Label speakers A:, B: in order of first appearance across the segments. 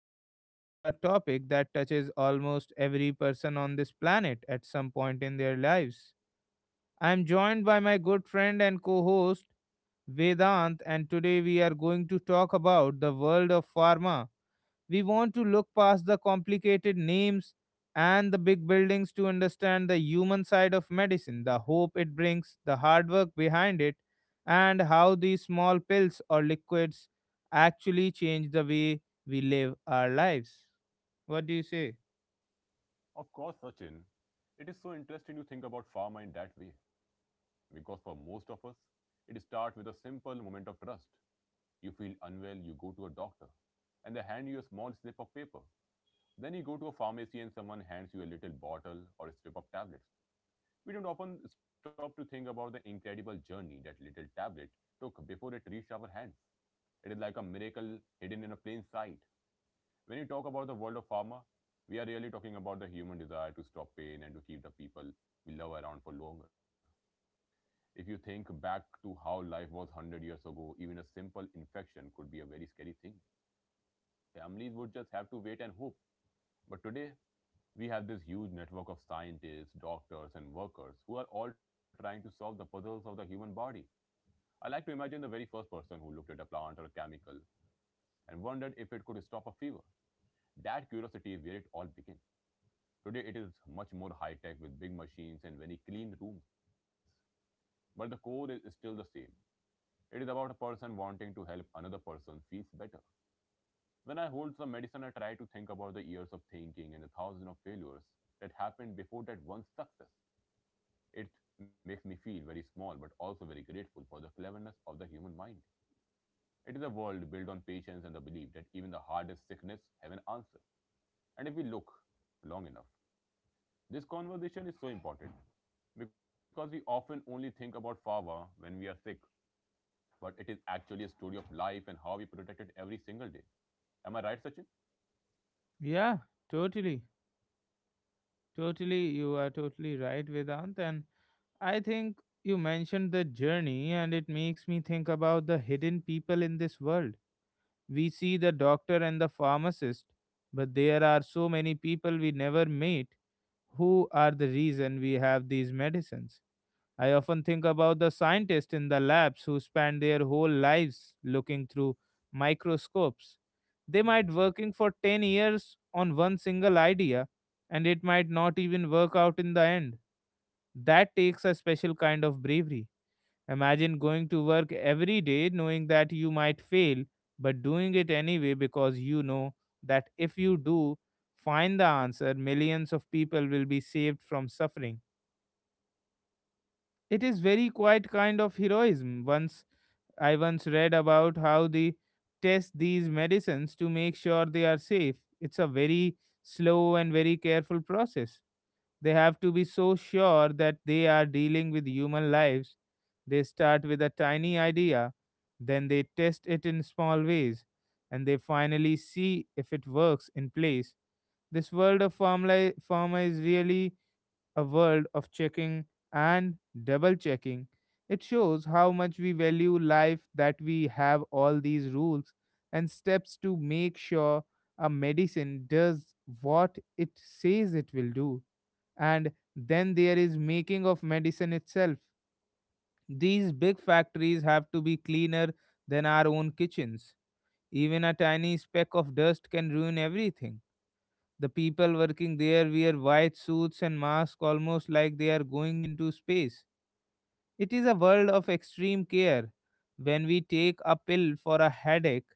A: as we explore a topic that touches almost every person on this planet at some point in their lives. I'm joined by my good friend and co host, Vedant, and today we are going to talk about the world of pharma. We want to look past the complicated names and the big buildings to understand the human side of medicine, the hope it brings, the hard work behind it, and how these small pills or liquids actually change the way we live our lives. What do you say?
B: Of course, Sachin, it is so interesting to think about pharma in that way. Because for most of us, it starts with a simple moment of trust. You feel unwell, you go to a doctor, and they hand you a small slip of paper. Then you go to a pharmacy and someone hands you a little bottle or a strip of tablets. We don't often stop to think about the incredible journey that little tablet took before it reached our hands. It is like a miracle hidden in a plain sight. When you talk about the world of pharma, we are really talking about the human desire to stop pain and to keep the people we love around for longer. If you think back to how life was 100 years ago, even a simple infection could be a very scary thing. Families would just have to wait and hope. But today, we have this huge network of scientists, doctors, and workers who are all trying to solve the puzzles of the human body. I like to imagine the very first person who looked at a plant or a chemical and wondered if it could stop a fever. That curiosity is where it all begins. Today it is much more high tech with big machines and very clean rooms. But the core is still the same. It is about a person wanting to help another person feels better. When I hold some medicine, I try to think about the years of thinking and the thousand of failures that happened before that one success. It makes me feel very small but also very grateful for the cleverness of the human mind. It is a world built on patience and the belief that even the hardest sickness have an answer. And if we look long enough, this conversation is so important because we often only think about fava when we are sick, but it is actually a story of life and how we protect it every single day. Am I right, Sachin?
A: Yeah, totally. Totally. You are totally right, Vedant. And I think you mentioned the journey, and it makes me think about the hidden people in this world. We see the doctor and the pharmacist, but there are so many people we never meet who are the reason we have these medicines. I often think about the scientists in the labs who spend their whole lives looking through microscopes. They might working for 10 years on one single idea, and it might not even work out in the end. That takes a special kind of bravery. Imagine going to work every day knowing that you might fail, but doing it anyway because you know that if you do find the answer, millions of people will be saved from suffering. It is very quiet kind of heroism. Once I once read about how they test these medicines to make sure they are safe. It's a very slow and very careful process. They have to be so sure that they are dealing with human lives. They start with a tiny idea, then they test it in small ways, and they finally see if it works in place. This world of pharma is really a world of checking and double checking. It shows how much we value life that we have all these rules and steps to make sure a medicine does what it says it will do. And then there is making of medicine itself. These big factories have to be cleaner than our own kitchens. Even a tiny speck of dust can ruin everything. The people working there wear white suits and masks almost like they are going into space. It is a world of extreme care. When we take a pill for a headache,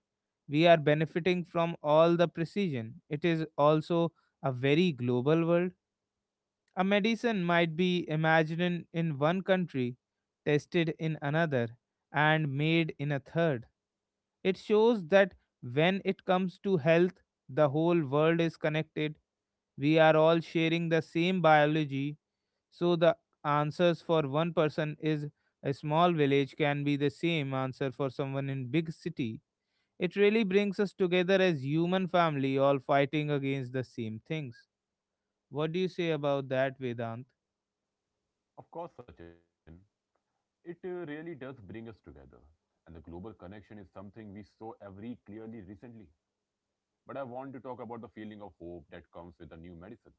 A: we are benefiting from all the precision. It is also a very global world. A medicine might be imagined in one country, tested in another, and made in a third. It shows that when it comes to health, the whole world is connected. We are all sharing the same biology, so the answers for one person is a small village can be the same answer for someone in big city. It really brings us together as human family all fighting against the same things. What do you say about that, Vedant?
B: Of course, Sachin. It really does bring us together. And the global connection is something we saw every clearly recently. But I want to talk about the feeling of hope that comes with a new medicine.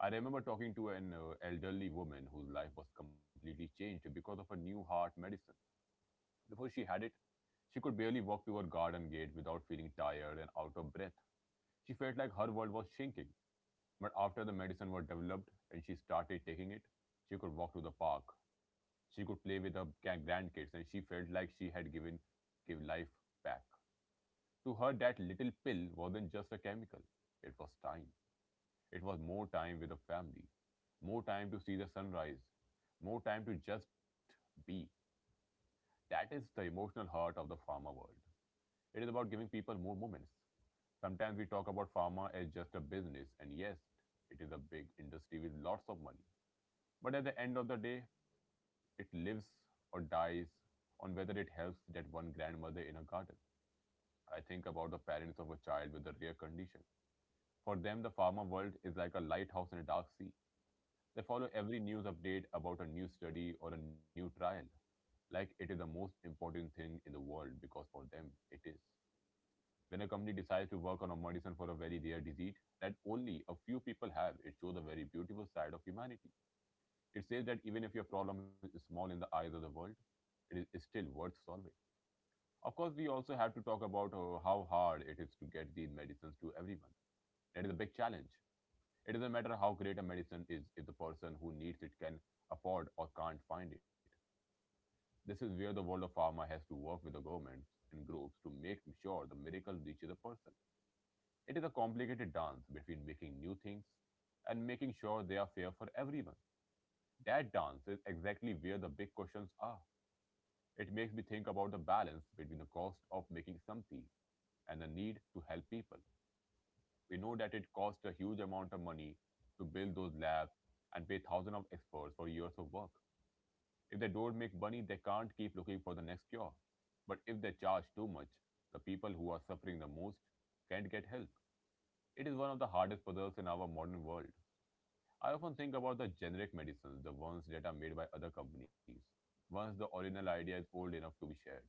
B: I remember talking to an elderly woman whose life was completely changed because of a new heart medicine. Before she had it, she could barely walk to her garden gate without feeling tired and out of breath. She felt like her world was shrinking, but after the medicine was developed and she started taking it, she could walk to the park. She could play with her grandkids, and she felt like she had give life back. To her, that little pill wasn't just a chemical; it was time. It was more time with the family, more time to see the sunrise, more time to just be. That is the emotional heart of the pharma world. It is about giving people more moments. Sometimes we talk about pharma as just a business, and yes, it is a big industry with lots of money. But at the end of the day, it lives or dies on whether it helps that one grandmother in a garden. I think about the parents of a child with a rare condition. For them, the pharma world is like a lighthouse in a dark sea. They follow every news update about a new study or a new trial, like it is the most important thing in the world because for them it is. When a company decides to work on a medicine for a very rare disease that only a few people have, it shows a very beautiful side of humanity. It says that even if your problem is small in the eyes of the world, it is still worth solving. Of course, we also have to talk about how hard it is to get these medicines to everyone. That is a big challenge. It doesn't matter how great a medicine is if the person who needs it can afford or can't find it. This is where the world of pharma has to work with the governments and groups to make sure the miracle reaches the person. It is a complicated dance between making new things and making sure they are fair for everyone. That dance is exactly where the big questions are. It makes me think about the balance between the cost of making something and the need to help people. We know that it costs a huge amount of money to build those labs and pay thousands of experts for years of work. If they don't make money, they can't keep looking for the next cure. But if they charge too much, the people who are suffering the most can't get help. It is one of the hardest puzzles in our modern world. I often think about the generic medicines, the ones that are made by other companies, once the original idea is old enough to be shared.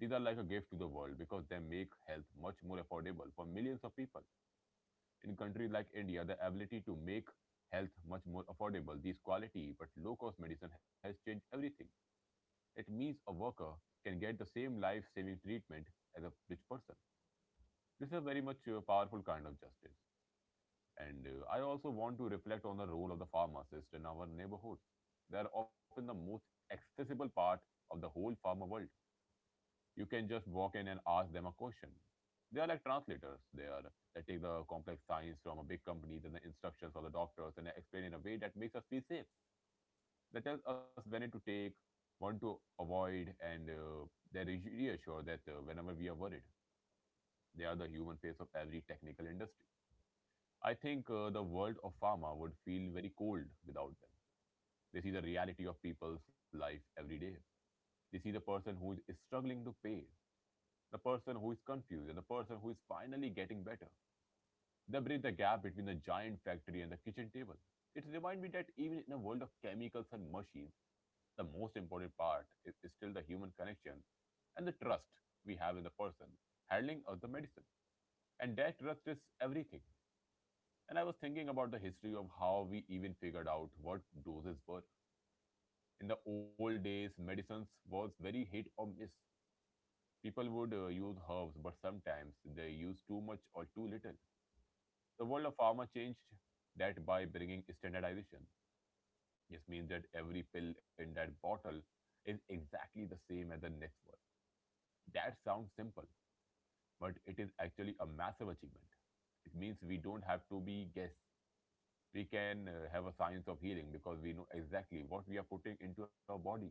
B: These are like a gift to the world because they make health much more affordable for millions of people. In countries like India, the ability to make health much more affordable, these quality but low cost medicine has changed everything. It means a worker can get the same life saving treatment as a rich person. This is a very much powerful kind of justice. And I also want to reflect on the role of the pharmacist in our neighborhoods. They are often the most accessible part of the whole pharma world. You can just walk in and ask them a question. They are like translators. They take the complex science from a big company and the instructions for the doctors and they explain in a way that makes us feel safe. They tell us when to take, what to avoid, and they reassure that whenever we are worried, they are the human face of every technical industry. I think the world of pharma would feel very cold without them. They see the reality of people's life every day. They see the person who is struggling to pay, the person who is confused, and the person who is finally getting better. They bridge the gap between the giant factory and the kitchen table. It reminds me that even in a world of chemicals and machines, the most important part is still the human connection and the trust we have in the person handling of the medicine. And that trust is everything. And I was thinking about the history of how we even figured out what doses were. In the old days, medicines was very hit or miss. People would use herbs, but sometimes they use too much or too little. The world of pharma changed that by bringing standardization. This means that every pill in that bottle is exactly the same as the next one. That sounds simple, but it is actually a massive achievement. It means we don't have to be guess. We can have a science of healing because we know exactly what we are putting into our bodies.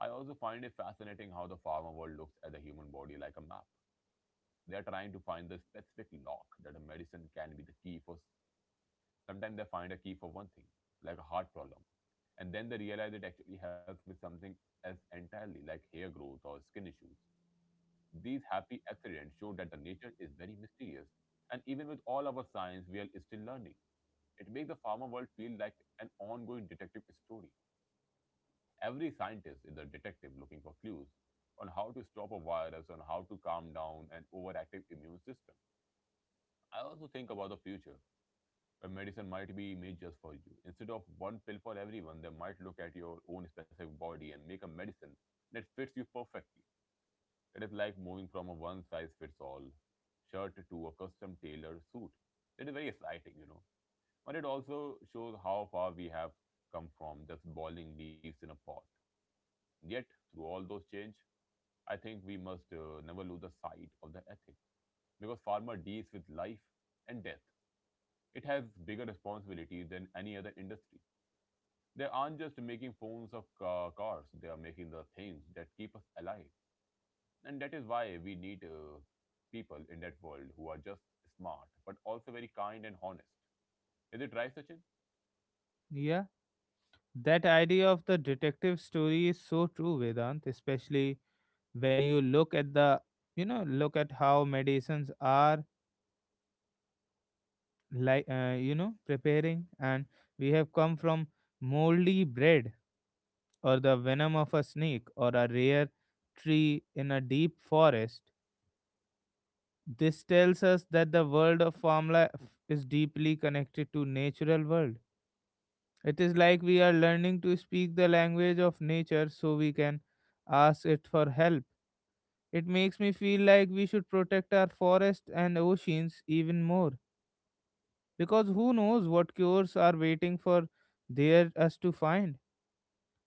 B: I also find it fascinating how the pharma world looks at the human body like a map. They're trying to find the specific lock that a medicine can be the key for. Sometimes they find a key for one thing, like a heart problem, and then they realize it actually helps with something else entirely, like hair growth or skin issues. These happy accidents show that the nature is very mysterious, and even with all our science, we are still learning. It makes the pharma world feel like an ongoing detective story. Every scientist is a detective looking for clues on how to stop a virus, on how to calm down an overactive immune system. I also think about the future, where medicine might be made just for you. Instead of one pill for everyone, they might look at your own specific body and make a medicine that fits you perfectly. It is like moving from a one size fits all shirt to a custom tailored suit. It is very exciting, you know. But it also shows how far we have come from just boiling leaves in a pot. Yet, through all those change, I think we must never lose the sight of the ethics because farmer deals with life and death. It has bigger responsibilities than any other industry. They aren't just making phones or cars; they are making the things that keep us alive, and that is why we need people in that world who are just smart but also very kind and honest. Is it right, Sachin?
A: Yeah. That idea of the detective story is so true, Vedant, especially when you look at look at how medicines are like, preparing, and we have come from moldy bread or the venom of a snake or a rare tree in a deep forest. This tells us that the world of formula is deeply connected to natural world. It is like we are learning to speak the language of nature so we can ask it for help. It makes me feel like we should protect our forests and oceans even more, because who knows what cures are waiting for there us to find.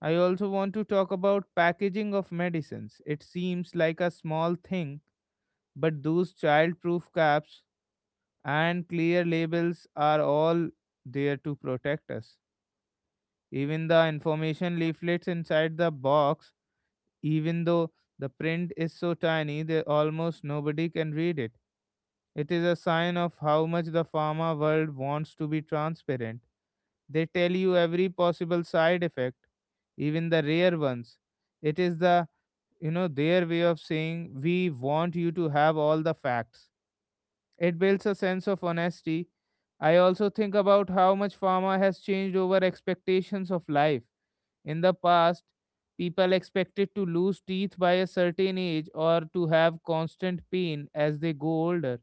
A: I also want to talk about packaging of medicines. It seems like a small thing, but those child-proof caps and clear labels are all there to protect us. Even the information leaflets inside the box, even though the print is so tiny that almost nobody can read it. It is a sign of how much the pharma world wants to be transparent. They tell you every possible side effect, even the rare ones. It is their way of saying we want you to have all the facts. It builds a sense of honesty. I also think about how much pharma has changed over expectations of life. In the past, people expected to lose teeth by a certain age or to have constant pain as they go older.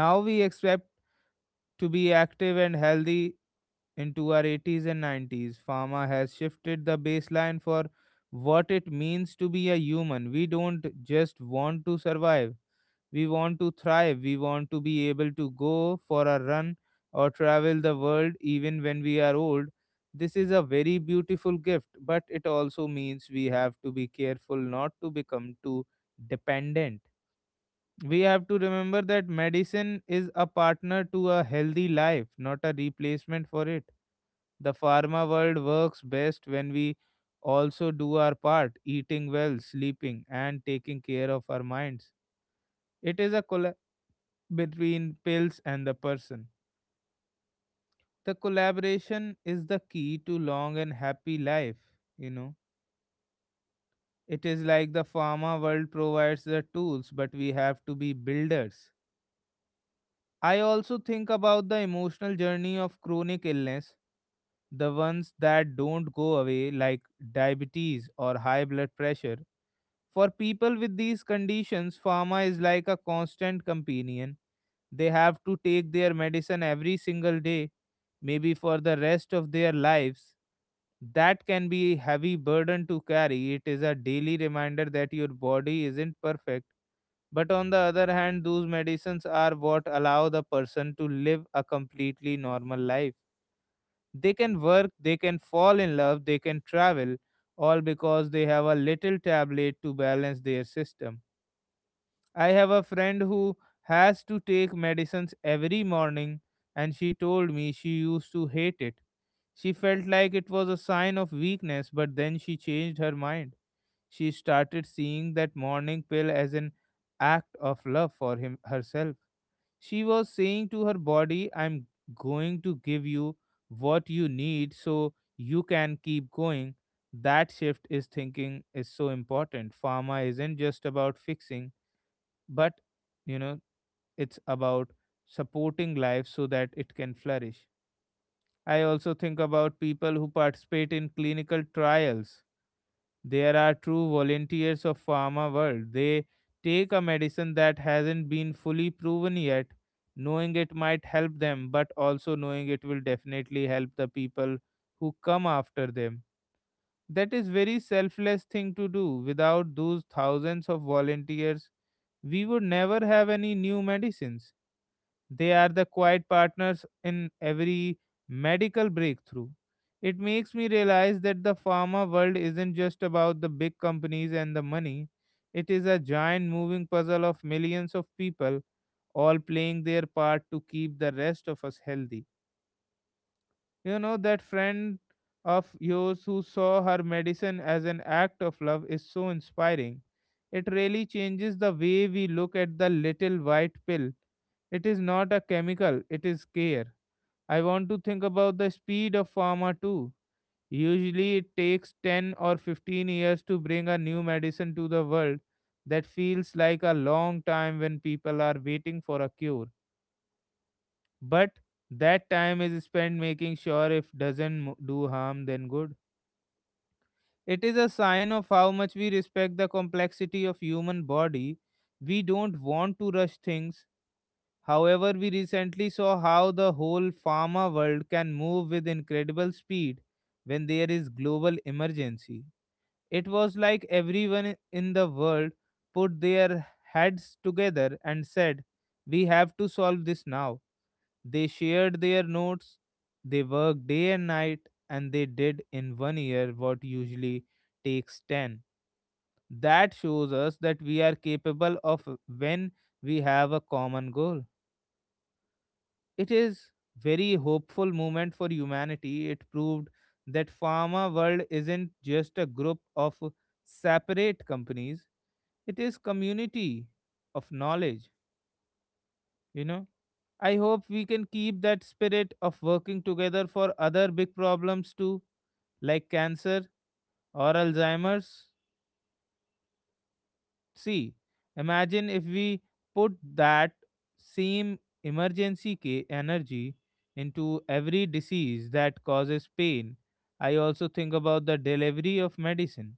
A: Now we expect to be active and healthy into our 80s and 90s. Pharma has shifted the baseline for what it means to be a human. We don't just want to survive, we want to thrive. We want to be able to go for a run or travel the world even when we are old. This is a very beautiful gift, but it also means we have to be careful not to become too dependent. We have to remember that medicine is a partner to a healthy life, not a replacement for it. The pharma world works best when we also do our part, eating well, sleeping, and taking care of our minds. It is a collab between pills and the person. The collaboration is the key to long and happy life, you know. It is like the pharma world provides the tools, but we have to be builders. I also think about the emotional journey of chronic illness, the ones that don't go away, like diabetes or high blood pressure. For people with these conditions, pharma is like a constant companion. They have to take their medicine every single day, maybe for the rest of their lives. That can be a heavy burden to carry. It is a daily reminder that your body isn't perfect, but on the other hand, those medicines are what allow the person to live a completely normal life. They can work, they can fall in love, they can travel, all because they have a little tablet to balance their system. I have a friend who has to take medicines every morning, and she told me she used to hate it. She felt like it was a sign of weakness, but then she changed her mind. She started seeing that morning pill as an act of love for him herself. She was saying to her body, I'm going to give you what you need so you can keep going. That shift is thinking is so important. Pharma isn't just about fixing, but you know, it's about supporting life so that it can flourish. I also think about people who participate in clinical trials. There are true volunteers of pharma world. They take a medicine that hasn't been fully proven yet, knowing it might help them, but also knowing it will definitely help the people who come after them. That is very selfless thing to do. Without those thousands of volunteers, we would never have any new medicines. They are the quiet partners in every medical breakthrough. It makes me realize that the pharma world isn't just about the big companies and the money, it is a giant moving puzzle of millions of people all playing their part to keep the rest of us healthy. You know, that friend of yours who saw her medicine as an act of love is so inspiring. It really changes the way we look at the little white pill. It is not a chemical, it is care. I want to think about the speed of pharma too. Usually, it takes 10 or 15 years to bring a new medicine to the world. That feels like a long time when people are waiting for a cure, but that time is spent making sure if doesn't do harm then good. It is a sign of how much we respect the complexity of human body. We don't want to rush things. However, we recently saw how the whole pharma world can move with incredible speed when there is global emergency. It was like everyone in the world put their heads together and said we have to solve this now. They shared their notes, they worked day and night, and they did in 1 year what usually takes 10. That shows us that we are capable of when we have a common goal. It is very hopeful moment for humanity. It proved that pharma world isn't just a group of separate companies. It is community of knowledge, you know. I hope we can keep that spirit of working together for other big problems too, like cancer or Alzheimer's. See, imagine if we put that same emergency energy into every disease that causes pain. I also think about the delivery of medicine.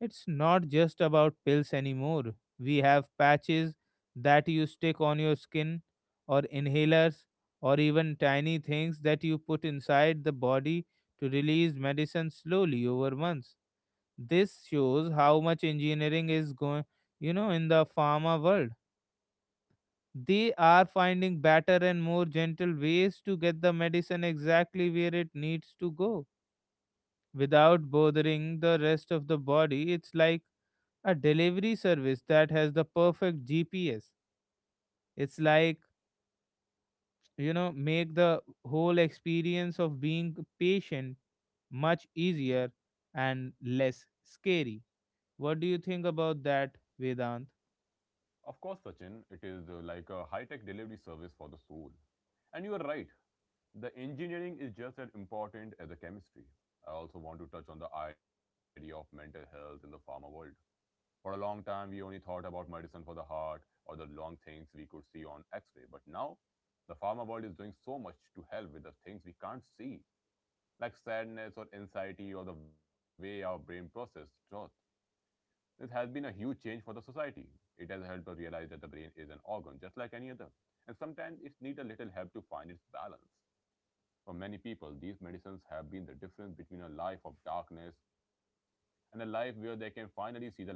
A: It's not just about pills anymore. We have patches that you stick on your skin, or inhalers, or even tiny things that you put inside the body to release medicine slowly over months. This shows how much engineering is going, you know, in the pharma world. They are finding better and more gentle ways to get the medicine exactly where it needs to go without bothering the rest of the body. It's like a delivery service that has the perfect GPS. It's like, you know, Make the whole experience of being patient much easier and less scary. What do you think about that, Vedant?
B: Of course, Sachin. It is like a high-tech delivery service for the soul. And you are right. The engineering is just as important as the chemistry. I also want to touch on the idea of mental health in the pharma world. For a long time, we only thought about medicine for the heart or the long things we could see on x ray. But now, the pharma world is doing so much to help with the things we can't see, like sadness or anxiety or the way our brain processes thought. This has been a huge change for the society. It has helped us realize that the brain is an organ just like any other, and sometimes it needs a little help to find its balance. For many people, these medicines have been the difference between a life of darkness and a life where they can finally see the light again.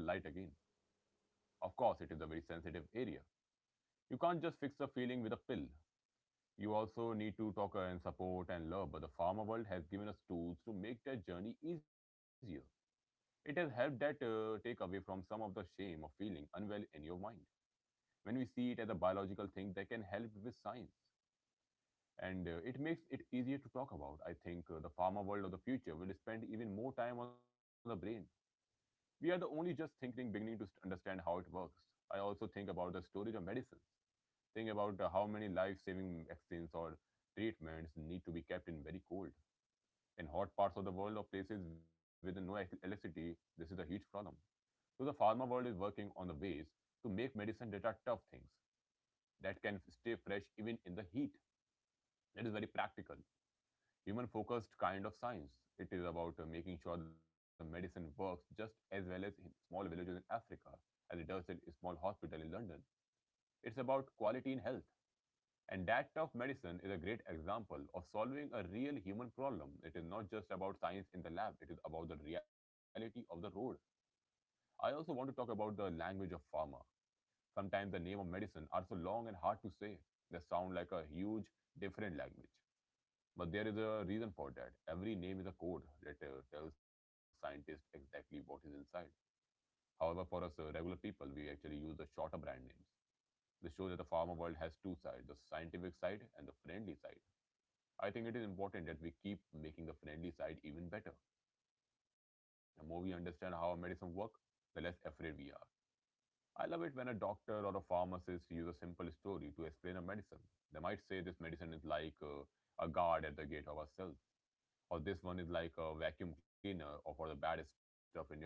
B: Of course, it is a very sensitive area. You can't just fix a feeling with a pill. You also need to talk and support and love, but the pharma world has given us tools to make that journey easier. It has helped that take away from some of the shame of feeling unwell in your mind. When we see it as a biological thing, they can help with science, and it makes it easier to talk about. I think the pharma world of the future will spend even more time on the brain. We are the only just thinking beginning to understand how it works. I also think about the storage of medicines. Think about how many life-saving vaccines or treatments need to be kept in very cold, in hot parts of the world or places with no electricity. This is a huge problem. So the pharma world is working on the ways to make medicine that are tough things that can stay fresh even in the heat. That is very practical human focused kind of science. It is about making sure the medicine works just as well as in small villages in Africa as it does in a small hospital in London. It's about quality in health. And that tough medicine is a great example of solving a real human problem. It is not just about science in the lab, it is about the reality of the road. I also want to talk about the language of pharma. Sometimes the name of medicine are so long and hard to say. They sound like a huge, different language. But there is a reason for that. Every name is a code that tells scientists exactly what is inside. However, for us regular people, we actually use the shorter brand names. This shows that the pharma world has two sides, the scientific side and the friendly side. I think it is important that we keep making the friendly side even better. The more we understand how medicine works, the less afraid we are. I love it when a doctor or a pharmacist uses a simple story to explain a medicine. They might say this medicine is like a guard at the gate of our cell, or this one is like a vacuum cleaner or for the bad stuff in your blood,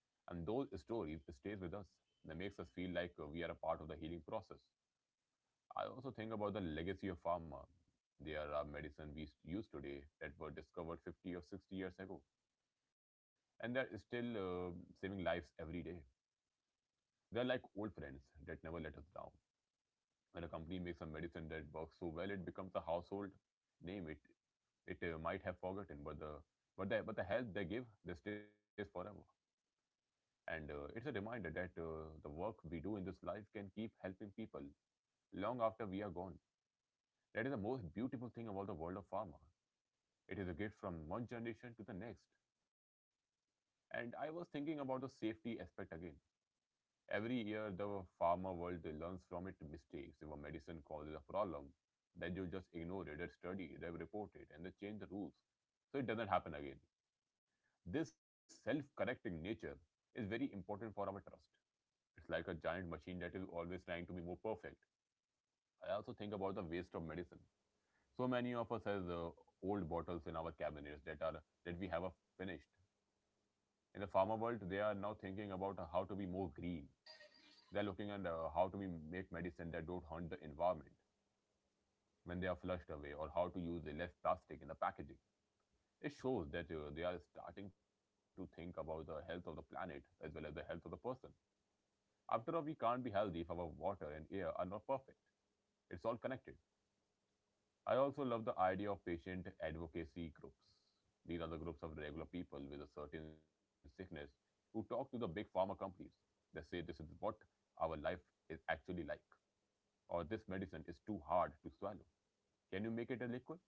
B: and those stories stays with us, that makes us feel like we are a part of the healing process. I also think about the legacy of pharma. There are medicine we use today that were discovered 50 or 60 years ago, and they're still saving lives every day. They're like old friends that never let us down. When a company makes a medicine that works so well, it becomes a household name. It might have forgotten, but the but the help they give, they stays forever. And it's a reminder that the work we do in this life can keep helping people long after we are gone. That is the most beautiful thing about the world of pharma. It is a gift from one generation to the next. And I was thinking about the safety aspect again. Every year, the pharma world learns from its mistakes. If a medicine causes a problem, then you just ignore it, they study, they report it, and they change the rules so it doesn't happen again. This self correcting nature is very important for our trust. It's like a giant machine that is always trying to be more perfect. I also think about the waste of medicine. So many of us has old bottles in our cabinets that are, that we have finished. In the pharma world, they are now thinking about how to be more green. They are looking at how to be make medicine that don't harm the environment when they are flushed away, or how to use the less plastic in the packaging. It shows that they are starting to think about the health of the planet as well as the health of the person. After all, we can't be healthy if our water and air are not perfect. It's all connected. I also love the idea of patient advocacy groups. These are the groups of regular people with a certain sickness who talk to the big pharma companies. They say this is what our life is actually like, or this medicine is too hard to swallow. Can you make it a liquid?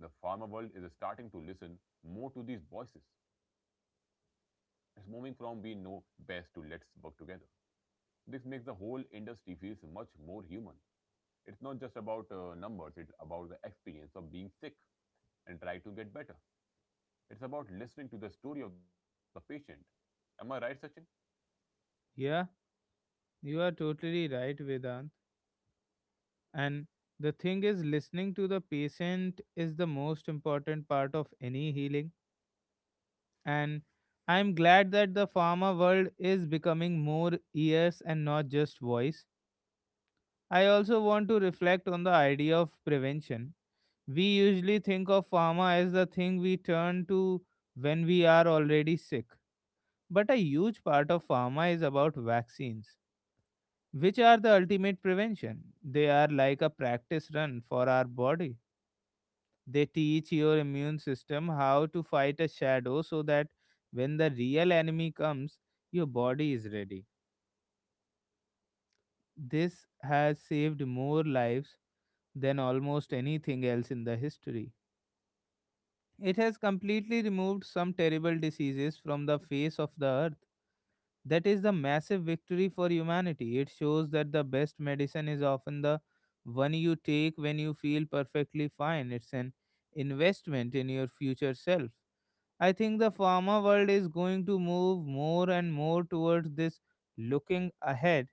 B: The pharma world is starting to listen more to these voices. It's moving from we know best to let's work together. This makes the whole industry feels much more human. It's not just about numbers, it's about the experience of being sick and try to get better. It's about listening to the story of the patient. Am I right, Sachin?
A: Yeah, you are totally right, Vedant. And the thing is, listening to the patient is the most important part of any healing. And I'm glad that the pharma world is becoming more ears and not just voice. I also want to reflect on the idea of prevention. We usually think of pharma as the thing we turn to when we are already sick. But a huge part of pharma is about vaccines, which are the ultimate prevention. They are like a practice run for our body. They teach your immune system how to fight a shadow so that when the real enemy comes, your body is ready. This has saved more lives than almost anything else in the history. It has completely removed some terrible diseases from the face of the earth. That is the massive victory for humanity. It shows that the best medicine is often the one you take when you feel perfectly fine. It's an investment in your future self. I think the pharma world is going to move more and more towards this looking ahead.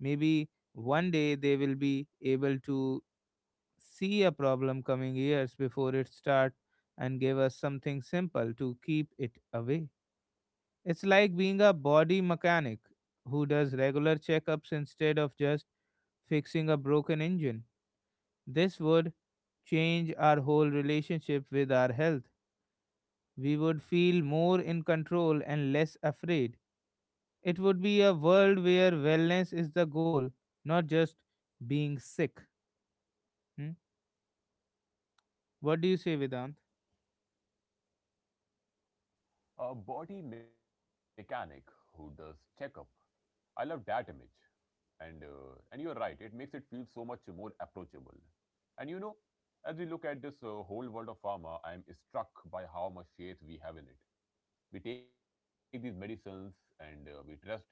A: Maybe one day they will be able to see a problem coming years before it starts and give us something simple to keep it away. It's like being a body mechanic who does regular checkups instead of just fixing a broken engine. This would change our whole relationship with our health. We would feel more in control and less afraid. It would be a world where wellness is the goal, not just being sick. Hmm? What do you say, Vedant?
B: A body mechanic who does checkup. I love that image. And you're right, it makes it feel so much more approachable. And you know, as we look at this whole world of pharma, I'm struck by how much faith we have in it. We take these medicines and we trust that they will work.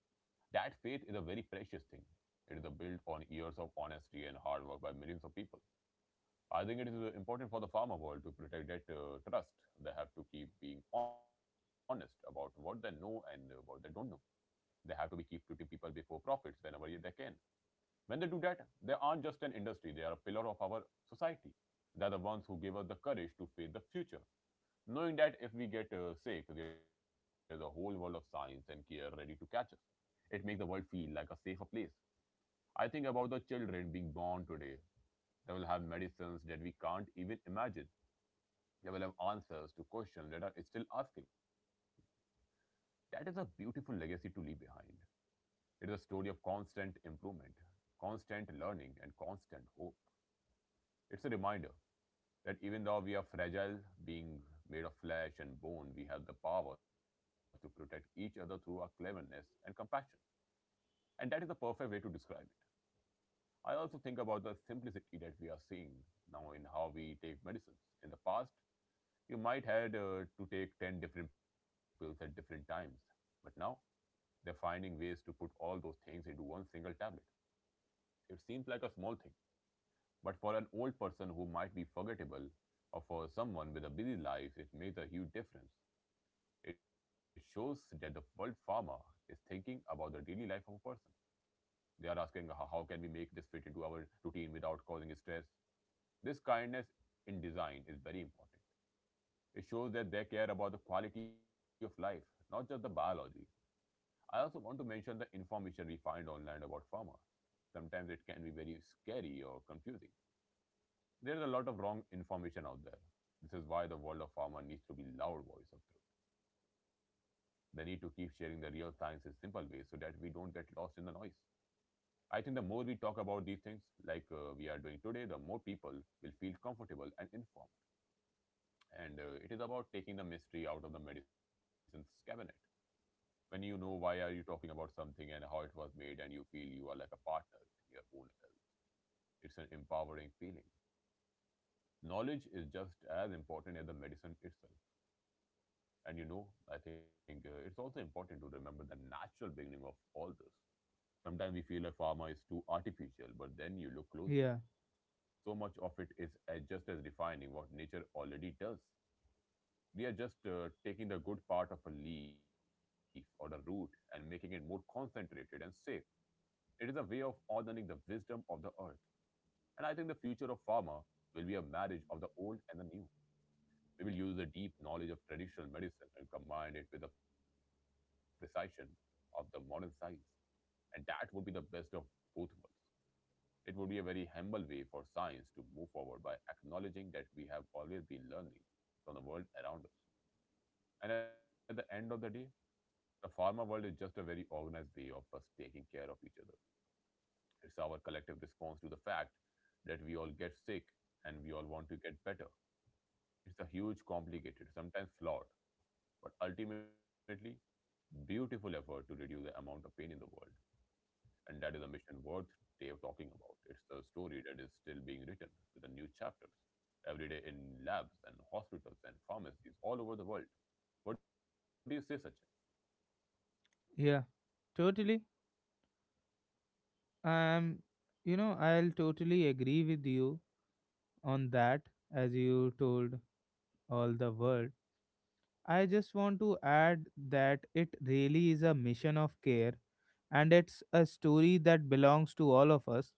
B: That faith is a very precious thing. It is a built on years of honesty and hard work by millions of people. I think it is important for the farmer world to protect that trust. They have to keep being honest about what they know and what they don't know. They have to be keep putting people before profits whenever they can. When they do that, they aren't just an industry, they are a pillar of our society. They are the ones who give us the courage to face the future, knowing that if we get sick, there is a whole world of science and care ready to catch us. It makes the world feel like a safer place. I think about the children being born today. They will have medicines that we can't even imagine. They will have answers to questions that are still asking. That is a beautiful legacy to leave behind. It is a story of constant improvement, constant learning, and constant hope. It's a reminder that even though we are fragile, being made of flesh and bone, we have the power to protect each other through our cleverness and compassion. And that is the perfect way to describe it. I also think about the simplicity that we are seeing now in how we take medicines. In the past, you might had to take 10 different pills at different times, but now they're finding ways to put all those things into one single tablet. It seems like a small thing, but for an old person who might be forgettable, or for someone with a busy life, it makes a huge difference. It shows that the world pharma is thinking about the daily life of a person. They are asking how can we make this fit into our routine without causing stress. This kindness in design is very important. It shows that they care about the quality of life, not just the biology. I also want to mention the information we find online about pharma. Sometimes it can be very scary or confusing. There's a lot of wrong information out there. This is why the world of pharma needs to be loud voice of truth. They need to keep sharing the real science in simple ways so that we don't get lost in the noise. I think the more we talk about these things, like we are doing today, the more people will feel comfortable and informed. And it is about taking the mystery out of the medicine's cabinet. When you know why are you talking about something and how it was made, and you feel you are like a partner in your own health, it's an empowering feeling. Knowledge is just as important as the medicine itself. And I think it's also important to remember the natural beginning of all this. Sometimes we feel like pharma is too artificial, but then you look closely.
A: Yeah,
B: So much of it is just as defining what nature already does. We are just taking the good part of a leaf or a root and making it more concentrated and safe. It is a way of honoring the wisdom of the earth. And I think the future of pharma will be a marriage of the old and the new. We will use the deep knowledge of traditional medicine and combine it with the precision of the modern science. And that would be the best of both worlds. It would be a very humble way for science to move forward, by acknowledging that we have always been learning from the world around us. And at the end of the day, the pharma world is just a very organized way of us taking care of each other. It's our collective response to the fact that we all get sick and we all want to get better. It's a huge, complicated, sometimes flawed, but ultimately beautiful effort to reduce the amount of pain in the world. And that is a mission worth talking about. It's the story that is still being written, with the new chapters every day in labs and hospitals and pharmacies all over the world. What do you say, Sachin?
A: yeah, totally. Um, I'll totally agree with you on that, as you told all the world. I just want to add that it really is a mission of care, and it's a story that belongs to all of us.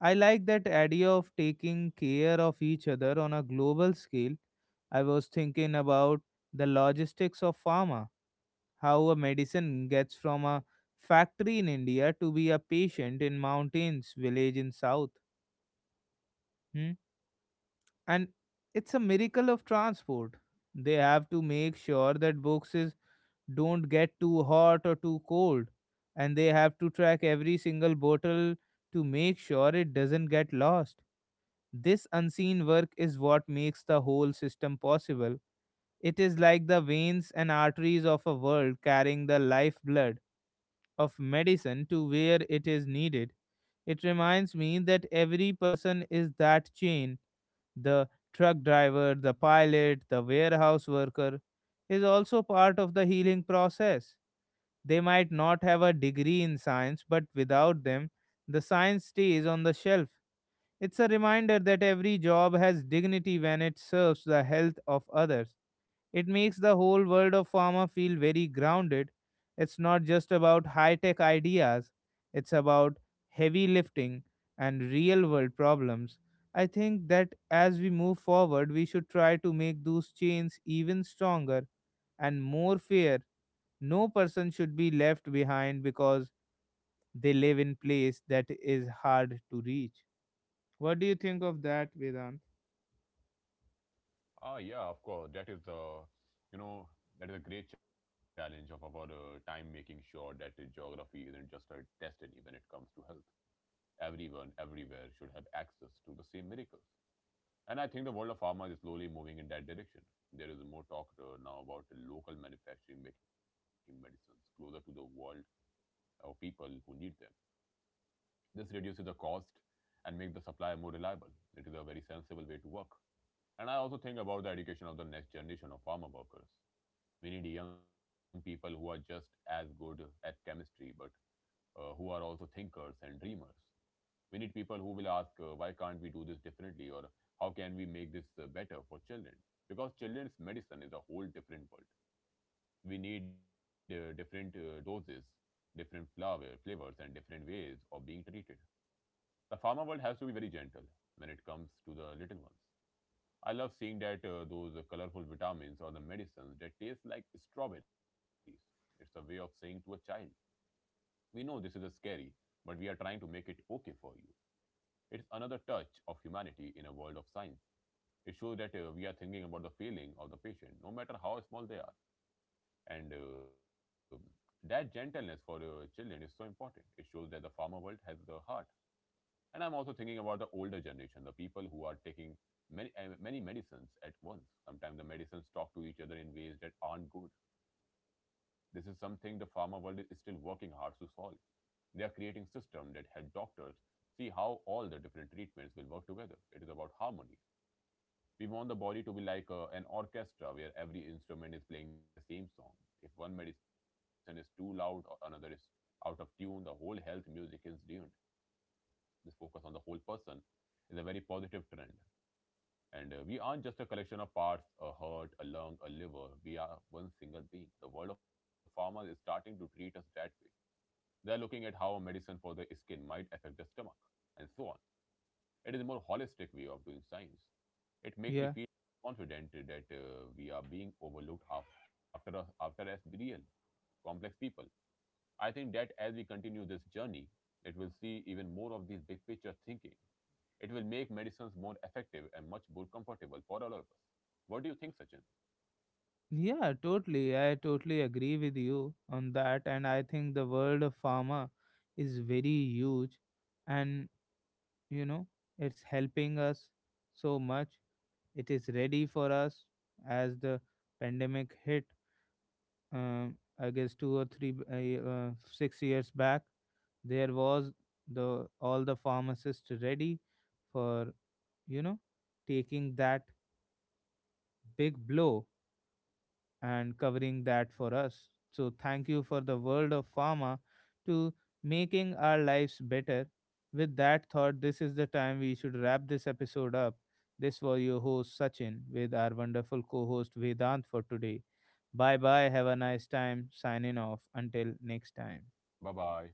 A: I like that idea of taking care of each other on a global scale. I was thinking about the logistics of pharma, how a medicine gets from a factory in India to be a patient in mountains village in South. Hmm? And it's a miracle of transport. They have to make sure that boxes don't get too hot or too cold, and they have to track every single bottle to make sure it doesn't get lost. This unseen work is what makes the whole system possible. It is like the veins and arteries of a world carrying the lifeblood of medicine to where it is needed. It reminds me that every person is that chain, the truck driver, the pilot, the warehouse worker, is also part of the healing process. They might not have a degree in science, but without them, the science stays on the shelf. It's a reminder that every job has dignity when it serves the health of others. It makes the whole world of pharma feel very grounded. It's not just about high tech ideas, it's about heavy lifting and real world problems. I think that as we move forward, we should try to make those chains even stronger and more fair. No person should be left behind because they live in place that is hard to reach. What do you think of that, Vedant?
B: Ah, yeah, of course. That is the, you know, that is a great challenge of our time, making sure that geography isn't just a destiny when it comes to health. Everyone, everywhere should have access to the same miracles. And I think the world of pharma is slowly moving in that direction. There is more talk now about local manufacturing, making medicines closer to the world or people who need them. This reduces the cost and makes the supply more reliable. It is a very sensible way to work. And I also think about the education of the next generation of farmer workers. We need young people who are just as good at chemistry, but who are also thinkers and dreamers. We need people who will ask, why can't we do this differently, or how can we make this better for children? Because children's medicine is a whole different world. We need different doses, different flavors, and different ways of being treated. The pharma world has to be very gentle when it comes to the little ones. I love seeing that those colorful vitamins or the medicines that taste like strawberries. It's a way of saying to a child, we know this is a scary, but we are trying to make it okay for you. It's another touch of humanity in a world of science. It shows that we are thinking about the feeling of the patient, no matter how small they are. And that gentleness for children is so important. It shows that the farmer world has a heart. And I'm also thinking about the older generation, the people who are taking many, many medicines at once. Sometimes the medicines talk to each other in ways that aren't good. This is something the farmer world is still working hard to solve. They are creating systems that help doctors see how all the different treatments will work together. It is about harmony. We want the body to be like an orchestra where every instrument is playing the same song. If one medicine is too loud or another is out of tune, the whole health music is ruined. This focus on the whole person is a very positive trend. And we aren't just a collection of parts, a heart, a lung, a liver. We are one single being. The world of farmers is starting to treat us that way. They are looking at how a medicine for the skin might affect the stomach, and so on. It is a more holistic way of doing science. It makes me feel confident that we are being overlooked after us, after as real, complex people. I think that as we continue this journey, it will see even more of these big picture thinking. It will make medicines more effective and much more comfortable for all of us. What do you think, Sachin?
A: Yeah, totally. I totally agree with you on that. And I think the world of pharma is very huge. And, you know, it's helping us so much. It is ready for us as the pandemic hit, um, I guess, 2 or 3, 6 years back. There was the all the pharmacists ready for, you know, taking that big blow and covering that for us. So, thank you for the world of pharma
B: Yes, of course.
A: to making our lives better. With that thought, this is the time we should wrap this episode up. This was your host Sachin with our wonderful co host Vedant for today. Bye bye. Have a nice time. Signing off. Until next time.
B: Bye bye.